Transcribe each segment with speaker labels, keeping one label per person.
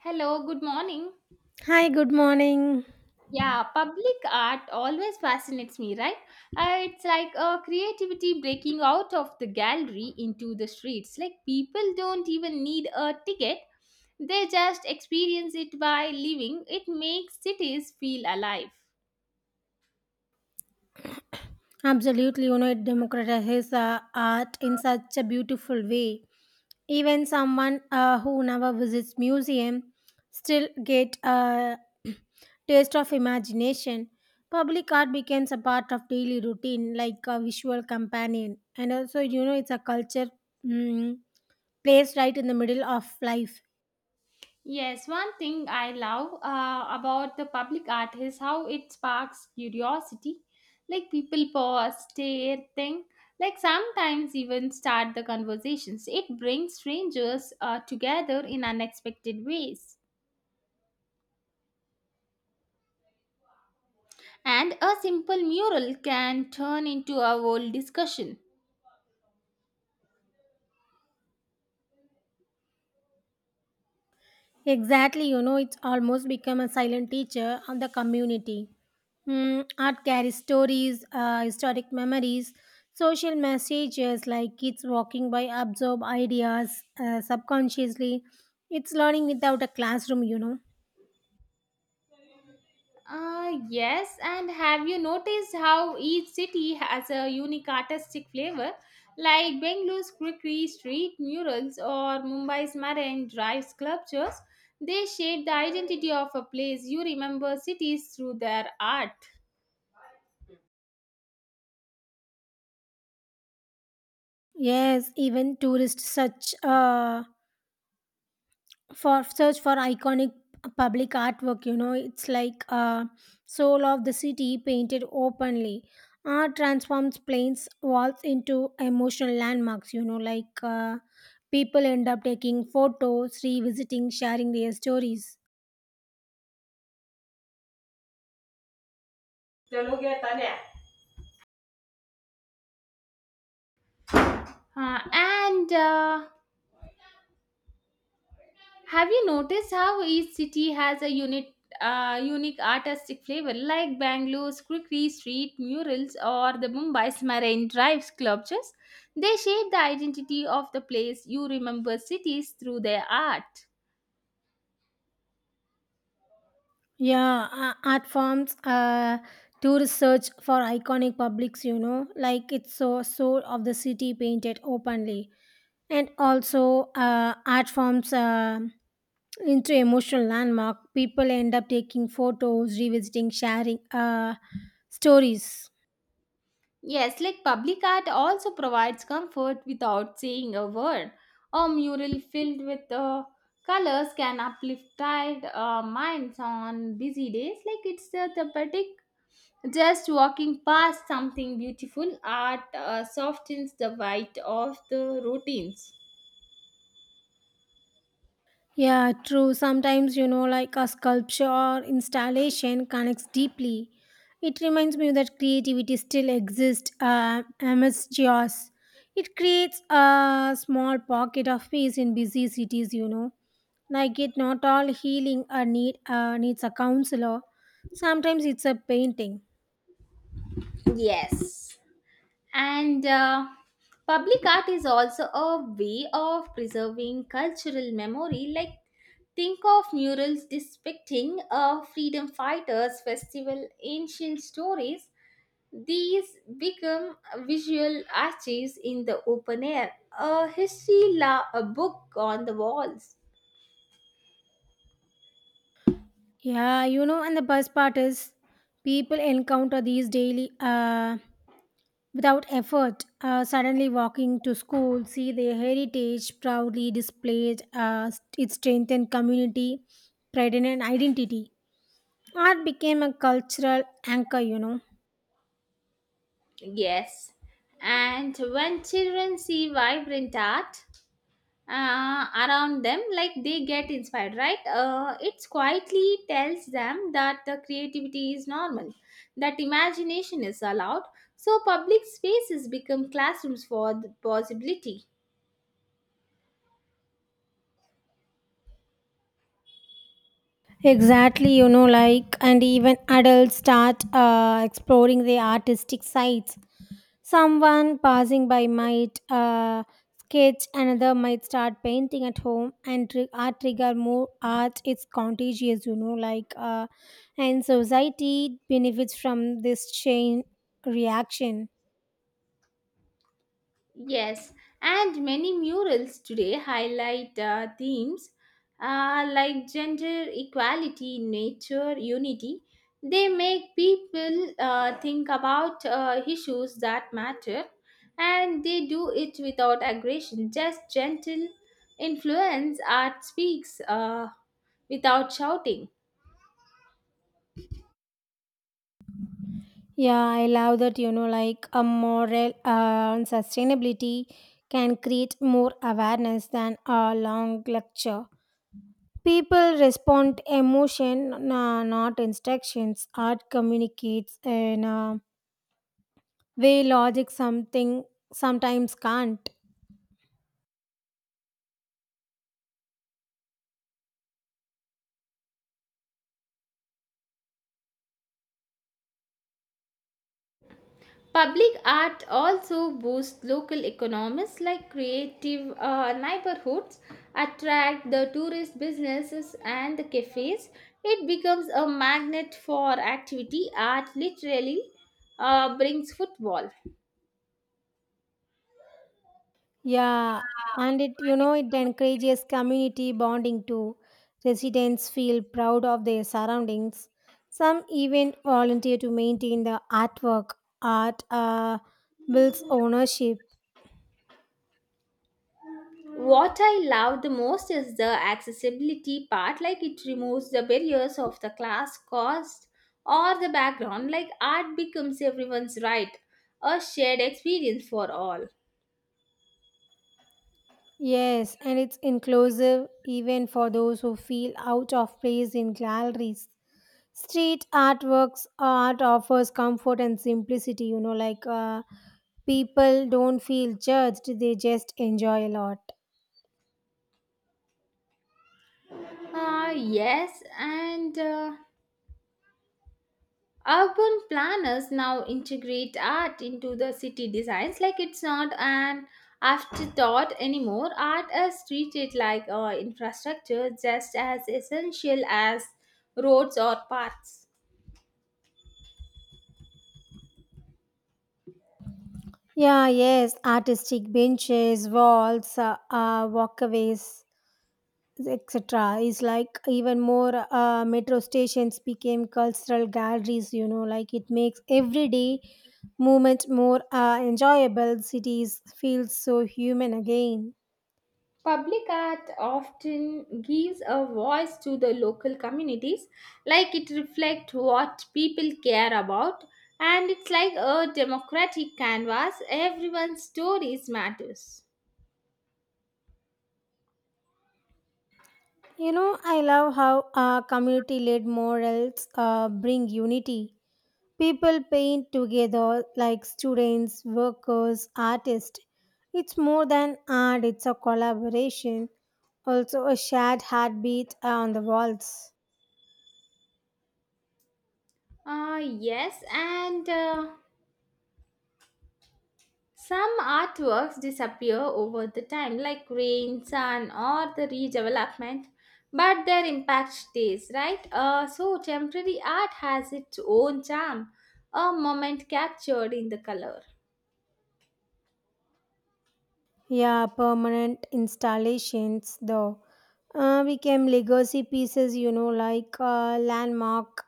Speaker 1: Hello, good morning.
Speaker 2: Hi, good morning.
Speaker 1: Yeah, public art always fascinates me, right? It's like a creativity breaking out of the gallery into the streets. Like people don't even need a ticket, they just experience it by living. It makes cities feel alive.
Speaker 2: Absolutely, you know, it democratizes art in such a beautiful way. Even someone who never visits museum still get a taste of imagination. Public art becomes a part of daily routine, like a visual companion, and also you know it's a culture mm, placed right in the middle of life.
Speaker 1: Yes, one thing I love about the public art is how it sparks curiosity. Like people pause, stare, think, like sometimes even start the conversations. It brings strangers together in unexpected ways. And a simple mural can turn into a whole discussion.
Speaker 2: Exactly, you know, it's almost become a silent teacher of the community. Mm, art carries stories, historic memories, social messages like kids walking by absorb ideas subconsciously. It's learning without a classroom, you know.
Speaker 1: Yes, and have you noticed how each city has a unique artistic flavor? Like Bengalore's quirky street murals or Mumbai's marine drive sculptures, they shape the identity of a place. You remember cities through their art.
Speaker 2: Yes, even tourists such for search for iconic public artwork, you know, it's like soul of the city painted openly. Art transforms plains walls into emotional landmarks, you know, like people end up taking photos, revisiting, sharing their stories.
Speaker 1: And Have you noticed how each city has a unit, unique artistic flavor, like Bangalore's quirky Street murals or the Mumbai's Marine Drive sculptures? They shape the identity of the place. You remember cities through their art.
Speaker 2: Yeah, art forms to research for iconic publics, you know, like it's so soul of the city painted openly. And also art forms into emotional landmark, people end up taking photos, revisiting, sharing stories.
Speaker 1: Yes, like public art also provides comfort without saying a word. A mural filled with colors can uplift tired minds on busy days. Like it's the therapeutic. Just walking past something beautiful, art softens the bite of the routines.
Speaker 2: Yeah, true, sometimes, you know, like a sculpture or installation connects deeply. It reminds me that creativity still exists amidst chaos. It creates a small pocket of peace in busy cities, you know, like it not all healing or needs a counselor. Sometimes it's a painting.
Speaker 1: Yes. And Public art is also a way of preserving cultural memory. Like, think of murals depicting freedom fighters, festival, ancient stories. These become visual arches in the open air, a a book on the walls.
Speaker 2: Yeah, you know, and the best part is people encounter these daily without effort. Suddenly walking to school, see their heritage proudly displayed, it strengthened community, pride, and identity. Art became a cultural anchor, you know.
Speaker 1: Yes. And when children see vibrant art around them, like they get inspired, right? It quietly tells them that the creativity is normal, that imagination is allowed. So public spaces become classrooms for the possibility.
Speaker 2: Exactly, you know, like, and even adults start exploring their artistic sides. Someone passing by might sketch, another might start painting at home, and art trigger more art. It's contagious, you know, like, and society benefits from this chain reaction.
Speaker 1: Yes, and many murals today highlight themes like gender equality, nature, unity. They make people think about issues that matter and they do it without aggression. Just gentle influence art speaks without shouting.
Speaker 2: Yeah, I love that, you know, like a moral on sustainability can create more awareness than a long lecture. People respond emotion, not instructions. Art communicates in a way logic something sometimes can't.
Speaker 1: Public art also boosts local economies like creative neighborhoods, attract the tourist businesses and the cafes. It becomes a magnet for activity. Art literally brings football.
Speaker 2: Yeah, and it, you know, it encourages community bonding too. Residents feel proud of their surroundings. Some even volunteer to maintain the artwork. Art builds ownership.
Speaker 1: What I love the most is the accessibility part, like it removes the barriers of the class, cost, or the background. Like art becomes everyone's right, a shared experience for all.
Speaker 2: Yes, and it's inclusive even for those who feel out of place in galleries. Street artworks art offers comfort and simplicity, you know, like people don't feel judged, they just enjoy a lot.
Speaker 1: Yes, and urban planners now integrate art into the city designs like it's not an afterthought anymore. Art is treated like infrastructure just as essential as roads or paths.
Speaker 2: Yeah, yes, artistic benches, walls, walkways, etc. is like even more metro stations became cultural galleries, you know, like it makes everyday movement more enjoyable. Cities feel so human again.
Speaker 1: Public art often gives a voice to the local communities, like it reflects what people care about, and it's like a democratic canvas. Everyone's stories matters.
Speaker 2: You know, I love how community led morals bring unity. People paint together like students, workers, artists. It's more than art, it's a collaboration, also a shared heartbeat on the walls.
Speaker 1: Yes, and some artworks disappear over the time, like rain, sun, or the redevelopment, but their impact stays, right? So temporary art has its own charm, a moment captured in the color.
Speaker 2: Yeah, permanent installations though. Became legacy pieces, you know, like landmark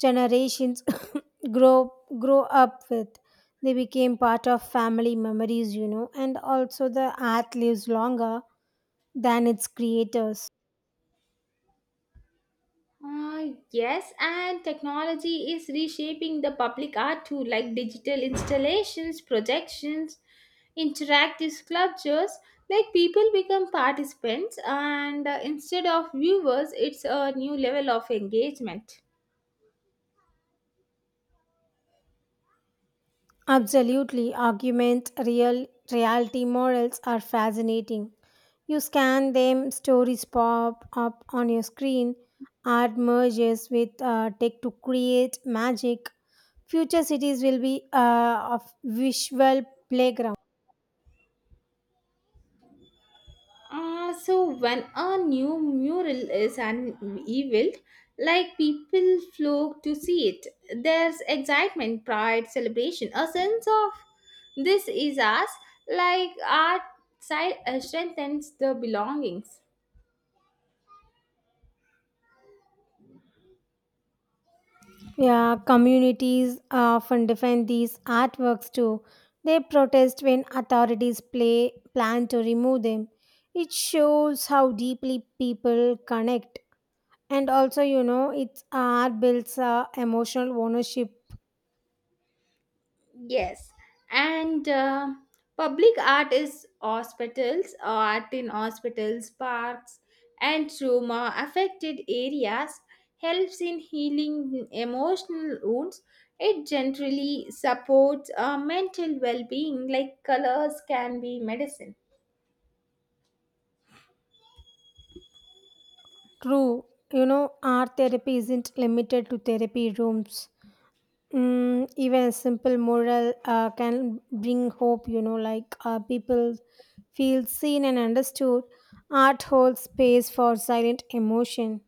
Speaker 2: generations grow grow up with. They became part of family memories, you know, and also the art lives longer than its creators.
Speaker 1: Yes, and technology is reshaping the public art too, like digital installations, projections, interactive sculptures. Like people become participants, and instead of viewers, it's a new level of engagement.
Speaker 2: Absolutely, argument real reality morals are fascinating. You scan them, stories pop up on your screen. Art merges with tech to create magic. Future cities will be a visual playground.
Speaker 1: So when a new mural is unveiled, like people flock to see it, there's excitement, pride, celebration, a sense of this is us, like art strengthens the belongings.
Speaker 2: Yeah, communities often defend these artworks too. They protest when authorities plan to remove them. It shows how deeply people connect. And also, you know, it's art builds emotional ownership.
Speaker 1: Yes, and public art is hospitals, art in hospitals, parks, and trauma affected areas helps in healing emotional wounds. It generally supports mental well being, like colors can be medicine.
Speaker 2: True, you know, art therapy isn't limited to therapy rooms. Mm, even a simple moral can bring hope, you know, like people feel seen and understood. Art holds space for silent emotion.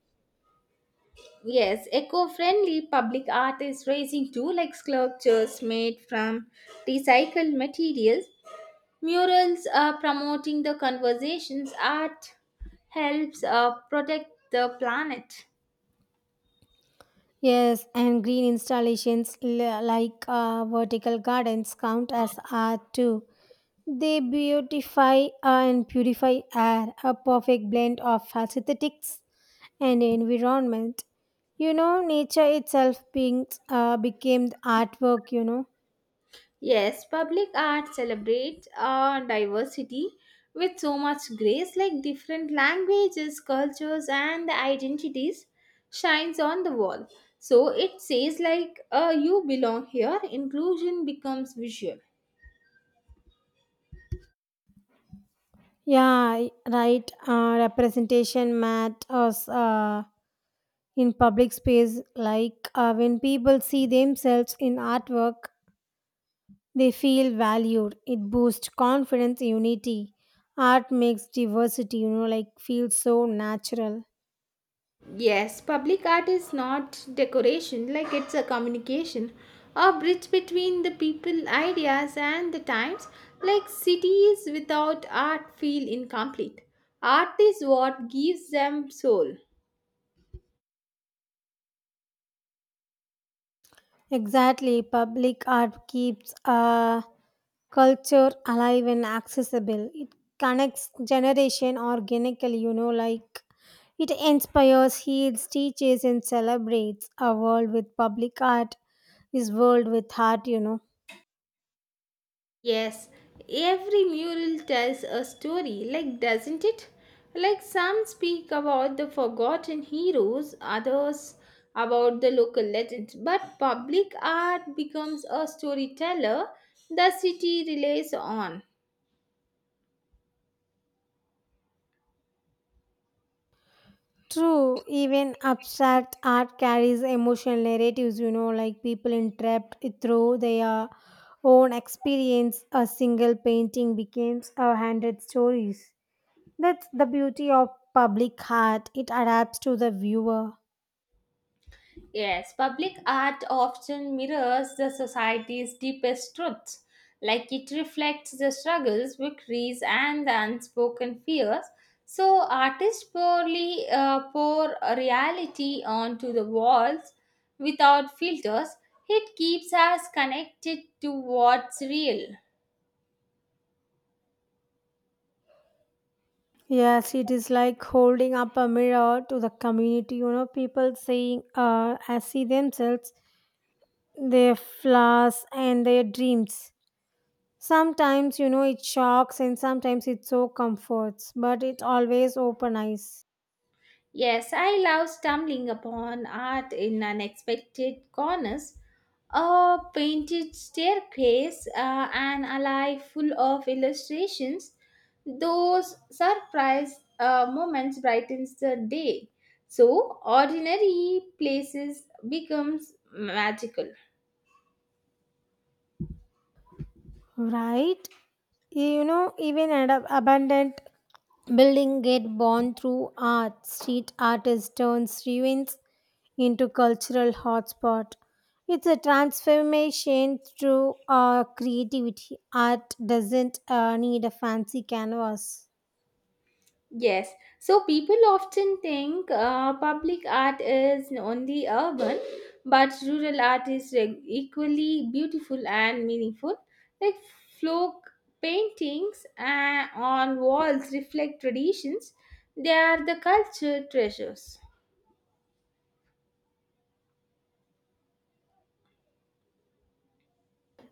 Speaker 1: Yes, eco-friendly public art is raising too, like sculptures made from recycled materials. Murals promoting the conversations art helps protect the planet.
Speaker 2: Yes, and green installations like vertical gardens count as art too. They beautify and purify air, a perfect blend of aesthetics and environment. You know, nature itself became the artwork, you know.
Speaker 1: Yes, public art celebrates diversity with so much grace, like different languages, cultures, and the identities shines on the wall. So it says like you belong here. Inclusion becomes visual.
Speaker 2: Yeah, right. Representation matters in public space. Like when people see themselves in artwork, they feel valued. It boosts confidence, unity. Art makes diversity, you know, like feel so natural.
Speaker 1: Yes, public art is not decoration, like it's a communication, a bridge between the people, ideas, and the times. Like cities without art feel incomplete. Art is what gives them soul.
Speaker 2: Exactly. Public art keeps culture alive and accessible. It connects generation organically, you know, like it inspires, heals, teaches, and celebrates. A world with public art is world with heart, you know.
Speaker 1: Yes, every mural tells a story, like doesn't it? Like some speak about the forgotten heroes, others about the local legends, but public art becomes a storyteller the city relies on.
Speaker 2: True, even abstract art carries emotional narratives, you know, like people entrapped through their own experience. A single painting becomes a hundred stories. That's the beauty of public art. It adapts to the viewer.
Speaker 1: Yes, public art often mirrors the society's deepest truths, like it reflects the struggles, victories, and the unspoken fears. So, artists poorly pour a reality onto the walls without filters. It keeps us connected to what's real.
Speaker 2: Yes, it is like holding up a mirror to the community, you know, people saying, I see themselves their flaws and their dreams. Sometimes, you know, it shocks and sometimes it so comforts, but it always open eyes,
Speaker 1: Yes, I love stumbling upon art in unexpected corners. A painted staircase, an alley full of illustrations. Those surprise moments brightens the day. So ordinary places becomes magical.
Speaker 2: right? You know, even an abundant building get born through art. Street artist turns ruins into cultural hotspot. It's a transformation through creativity. Art doesn't need a fancy canvas.
Speaker 1: Yes, so people often think public art is only urban, but rural art is equally beautiful and meaningful. Like folk paintings on walls reflect traditions, they are the culture treasures.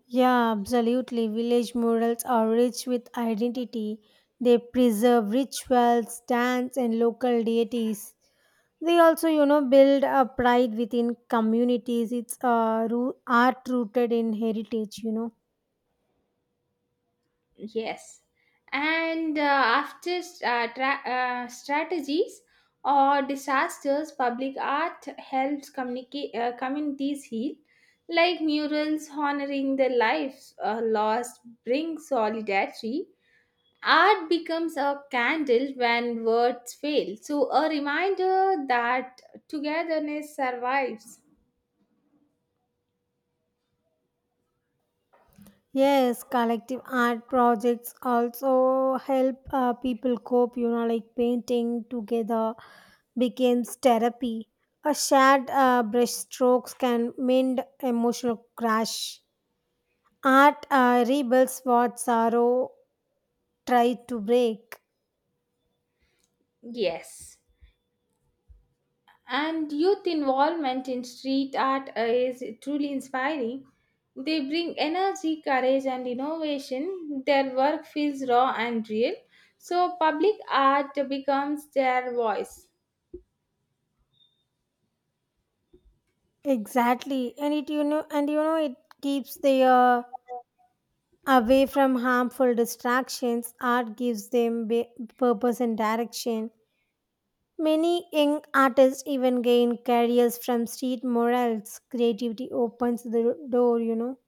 Speaker 2: Yeah, absolutely. Village murals are rich with identity. They preserve rituals, dance, and local deities. They also, you know, build a pride within communities. It's art rooted in heritage, you know.
Speaker 1: Yes. And after strategies or disasters, public art helps communities heal, like murals honoring the lives lost bring solidarity. Art becomes a candle when words fail, so a reminder that togetherness survives.
Speaker 2: Yes, collective art projects also help people cope, you know, like painting together becomes therapy. A shared brush strokes can mend emotional crash. Art rebuilds what sorrow tried to break.
Speaker 1: Yes. And youth involvement in street art is truly inspiring. They bring energy, courage, and innovation. Their work feels raw and real. So, public art becomes their voice.
Speaker 2: Exactly, and you know, it keeps the away from harmful distractions. Art gives them purpose and direction. Many young artists even gain careers from street morals. Creativity opens the door, you know.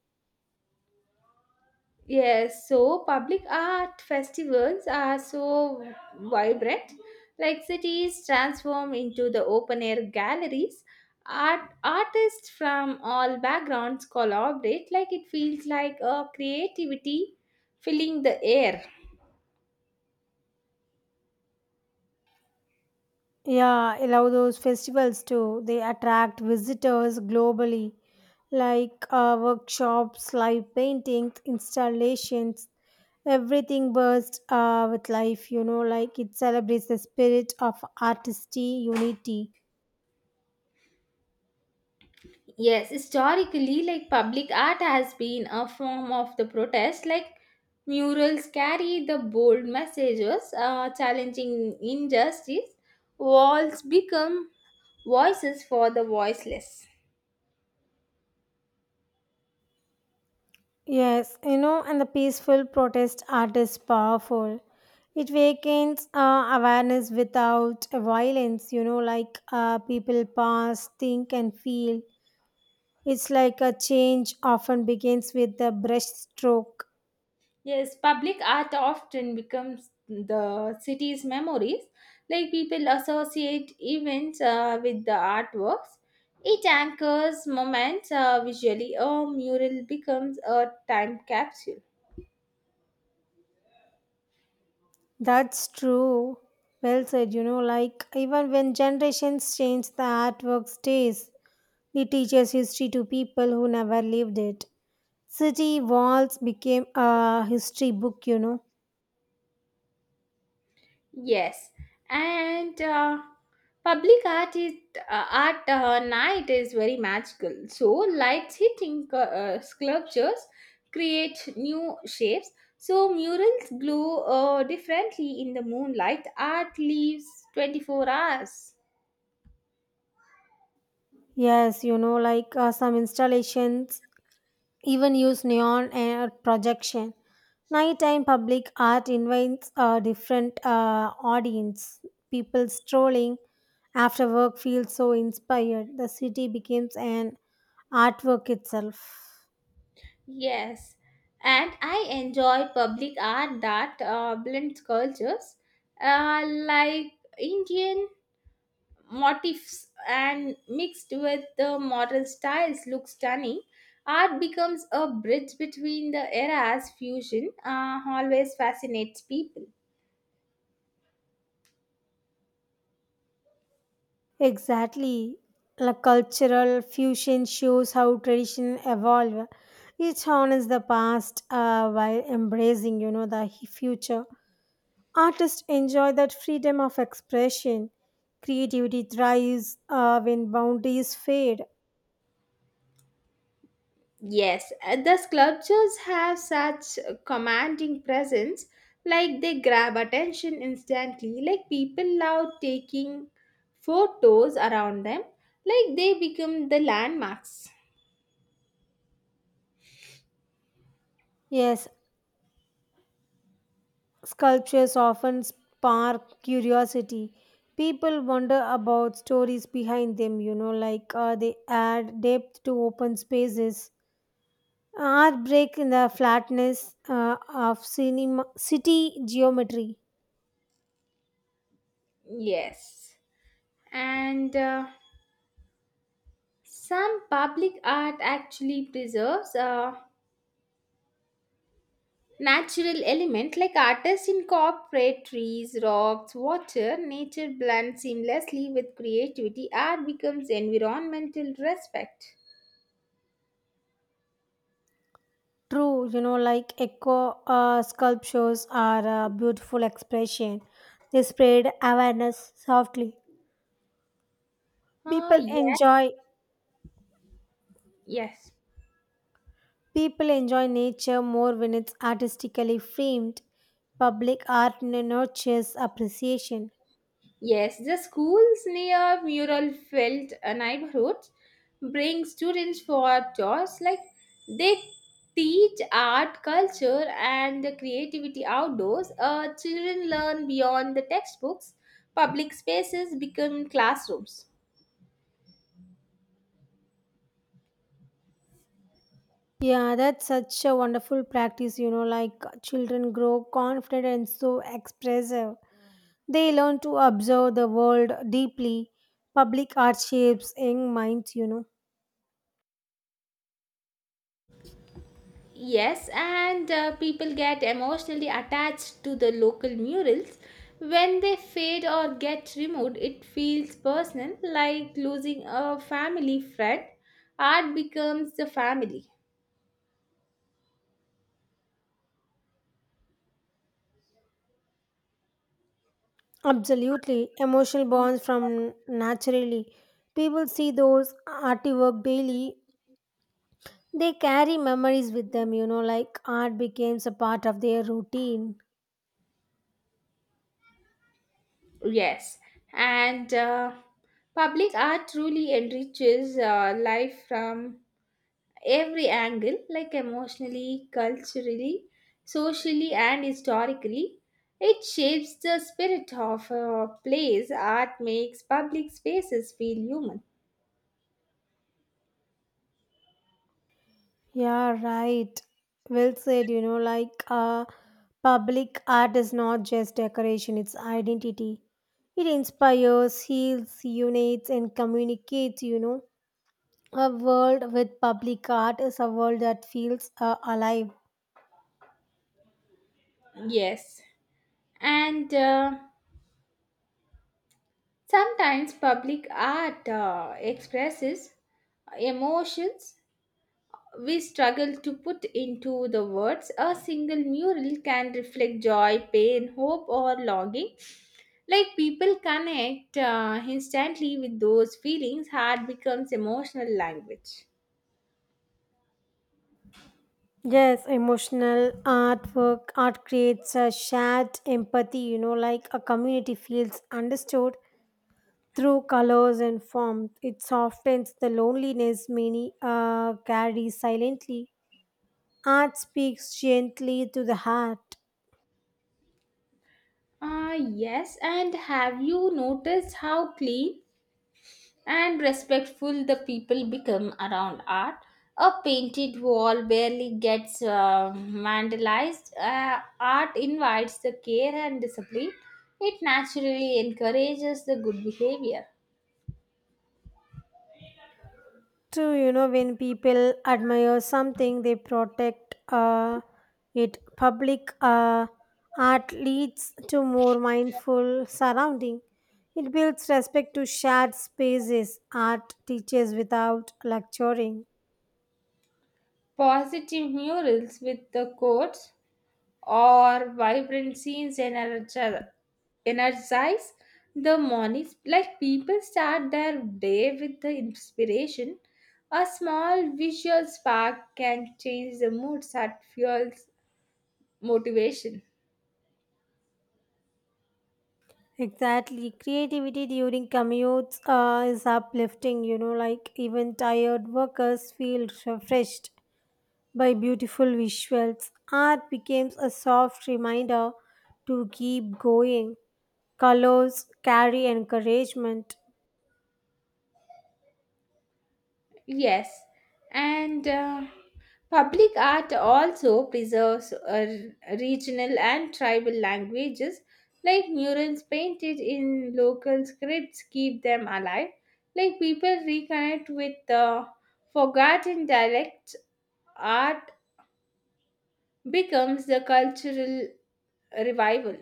Speaker 1: Yes, so public art festivals are so vibrant. Like cities transform into the open air galleries. Art artists from all backgrounds collaborate. Like it feels like a creativity filling the air.
Speaker 2: Yeah, allow those festivals too. They attract visitors globally, like workshops, live paintings, installations, everything bursts with life, you know, like it celebrates the spirit of artistry unity.
Speaker 1: Yes, historically, like public art has been a form of the protest. Like murals carry the bold messages, challenging injustice. Walls become voices for the voiceless.
Speaker 2: Yes, you know, and the peaceful protest art is powerful. It wakens awareness without violence, you know, like people pass, think, and feel. It's like a change often begins with the brush stroke.
Speaker 1: Yes, public art often becomes the city's memories. Like people associate events with the artworks. It anchors moments visually. A mural becomes a time capsule.
Speaker 2: That's true. Well said, you know, like even when generations change, the artwork stays. It teaches history to people who never lived it. City Walls became a history book, you know.
Speaker 1: Yes, and public art is art night is very magical. So lights hitting sculptures create new shapes. So murals glow differently in the moonlight. Art lives 24 hours.
Speaker 2: Yes, you know, like some installations even use neon or projection. Nighttime public art invites a different audience. People strolling after work feel so inspired. The city becomes an artwork itself.
Speaker 1: Yes, and I enjoy public art that blends cultures, like Indian motifs and mixed with the modern styles look stunning. Art becomes a bridge between the eras. Fusion always fascinates people.
Speaker 2: Exactly. The cultural fusion shows how tradition evolve. Each honors the past while embracing, you know, the future. Artists enjoy that freedom of expression. Creativity thrives when boundaries fade.
Speaker 1: Yes, the sculptures have such a commanding presence, like they grab attention instantly. Like people love taking photos around them, like they become the landmarks.
Speaker 2: Yes, sculptures often spark curiosity. People wonder about stories behind them, you know, like they add depth to open spaces. Art break in the flatness of cinema, city geometry.
Speaker 1: Yes, and. Some public art actually preserves a natural element like artists incorporate trees, rocks, water, nature blends seamlessly with creativity. Art becomes environmental respect.
Speaker 2: True, you know, like eco sculptures are a beautiful expression. They spread awareness softly.
Speaker 1: Ah,
Speaker 2: People
Speaker 1: yes,
Speaker 2: enjoy
Speaker 1: yes.
Speaker 2: people enjoy nature more when it's artistically framed. Public art nurtures appreciation.
Speaker 1: Yes, the schools near Mural Felt neighborhood bring students for tours like they teach art, culture, and creativity outdoors. Children learn beyond the textbooks. Public spaces become classrooms.
Speaker 2: Yeah, that's such a wonderful practice, you know, like children grow confident and so expressive. They learn to observe the world deeply. Public art shapes young minds, you know.
Speaker 1: Yes, and people get emotionally attached to the local murals. When they fade or get removed, it feels personal, like losing a family friend. Art becomes the family.
Speaker 2: Absolutely. Emotional bonds from naturally. People see those artwork daily. They carry memories with them, you know, like art becomes a part of their routine.
Speaker 1: Yes, and public art truly enriches life from every angle, like emotionally, culturally, socially, and historically. It shapes the spirit of a place. Art makes public spaces feel human.
Speaker 2: Yeah, right. Well said, you know, like public art is not just decoration, it's identity. It inspires, heals, unites, and communicates, you know. A world with public art is a world that feels alive.
Speaker 1: Yes. And Sometimes public art expresses emotions we struggle to put into the words. A single mural can reflect joy, pain, hope, or longing, like people connect instantly with those feelings. Heart becomes emotional language.
Speaker 2: Yes, emotional artwork, art creates a shared empathy, you know, like a community feels understood through colors and form. It softens the loneliness many carry silently. Art speaks gently to the heart.
Speaker 1: Ah, yes, and have you noticed how clean and respectful the people become around art? A painted wall barely gets vandalized. Uh, art invites the care and discipline, it naturally encourages the good behavior.
Speaker 2: True, you know, when people admire something, they protect it. Public art leads to more mindful surrounding. It builds respect to shared spaces. Art teaches without lecturing.
Speaker 1: Positive murals with the quotes or vibrant scenes energize the mornings. Like people start their day with the inspiration. A small visual spark can change the mood that fuels motivation.
Speaker 2: Exactly. Creativity during commutes is uplifting, you know, like even tired workers feel refreshed by beautiful visuals. Art becomes a soft reminder to keep going. Colors carry encouragement.
Speaker 1: Yes, and public art also preserves regional and tribal languages, like murals painted in local scripts keep them alive. Like people reconnect with the forgotten dialects, art becomes the cultural revival.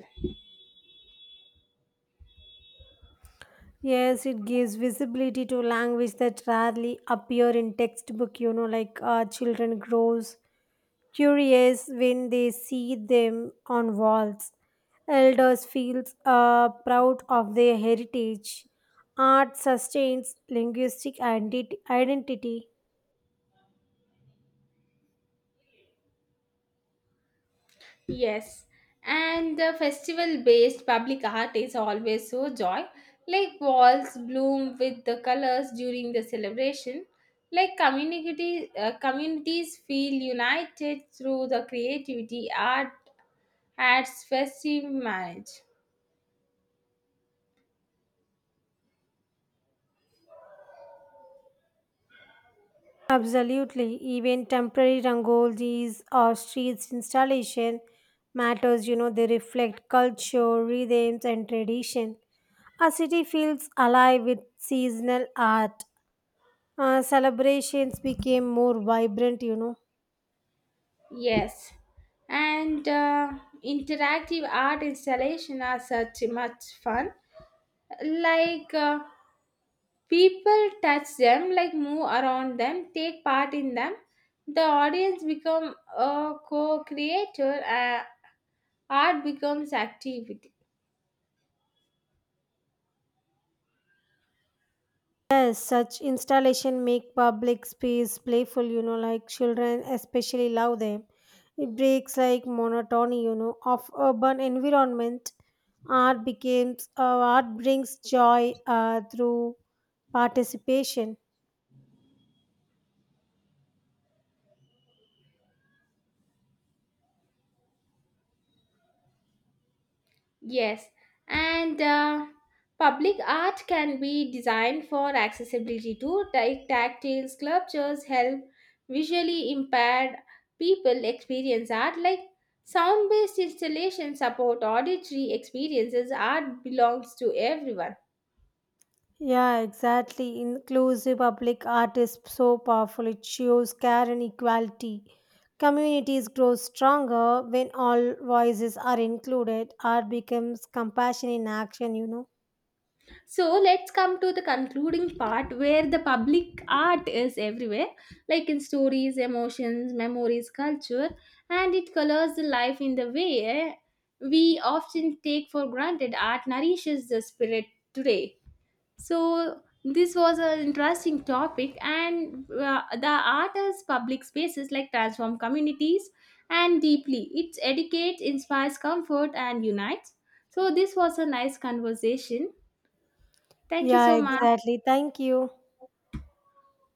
Speaker 2: Yes, it gives visibility to language that rarely appear in textbook, you know, like children grows curious when they see them on walls. Elders feels proud of their heritage. Art sustains linguistic identity.
Speaker 1: Yes, and the festival-based public art is always so joy. Like walls bloom with the colors during the celebration. Like communities feel united through the creativity, art, adds festive marriage.
Speaker 2: Absolutely. Even temporary rangolis or streets installation matters, you know, they reflect culture, rhythms and tradition. A city feels alive with seasonal art. Celebrations became more vibrant, you know.
Speaker 1: Yes, and interactive art installation are such much fun. Like, people touch them, like move around them, take part in them, the audience become a co-creator. Art becomes activity.
Speaker 2: Yes, such installation make public space playful, you know, like children especially love them. It breaks like monotony, you know, of urban environment. Art brings joy through participation.
Speaker 1: Yes, and public art can be designed for accessibility too, like tactile sculptures help visually impaired people experience art, like sound based installations support auditory experiences. Art belongs to everyone.
Speaker 2: Yeah, exactly. Inclusive public art is so powerful. It shows care and equality. Communities grow stronger when all voices are included. Art becomes compassion in action, you know.
Speaker 1: So let's come to the concluding part where the public art is everywhere, like in stories, emotions, memories, culture, and it colors the life in the way we often take for granted. Art nourishes the spirit today. So this was an interesting topic, and the art as public spaces like transform communities and deeply. It educates, inspires comfort, and unites. So this was a nice conversation. Thank you
Speaker 2: Yeah,
Speaker 1: so much.
Speaker 2: exactly. Thank you.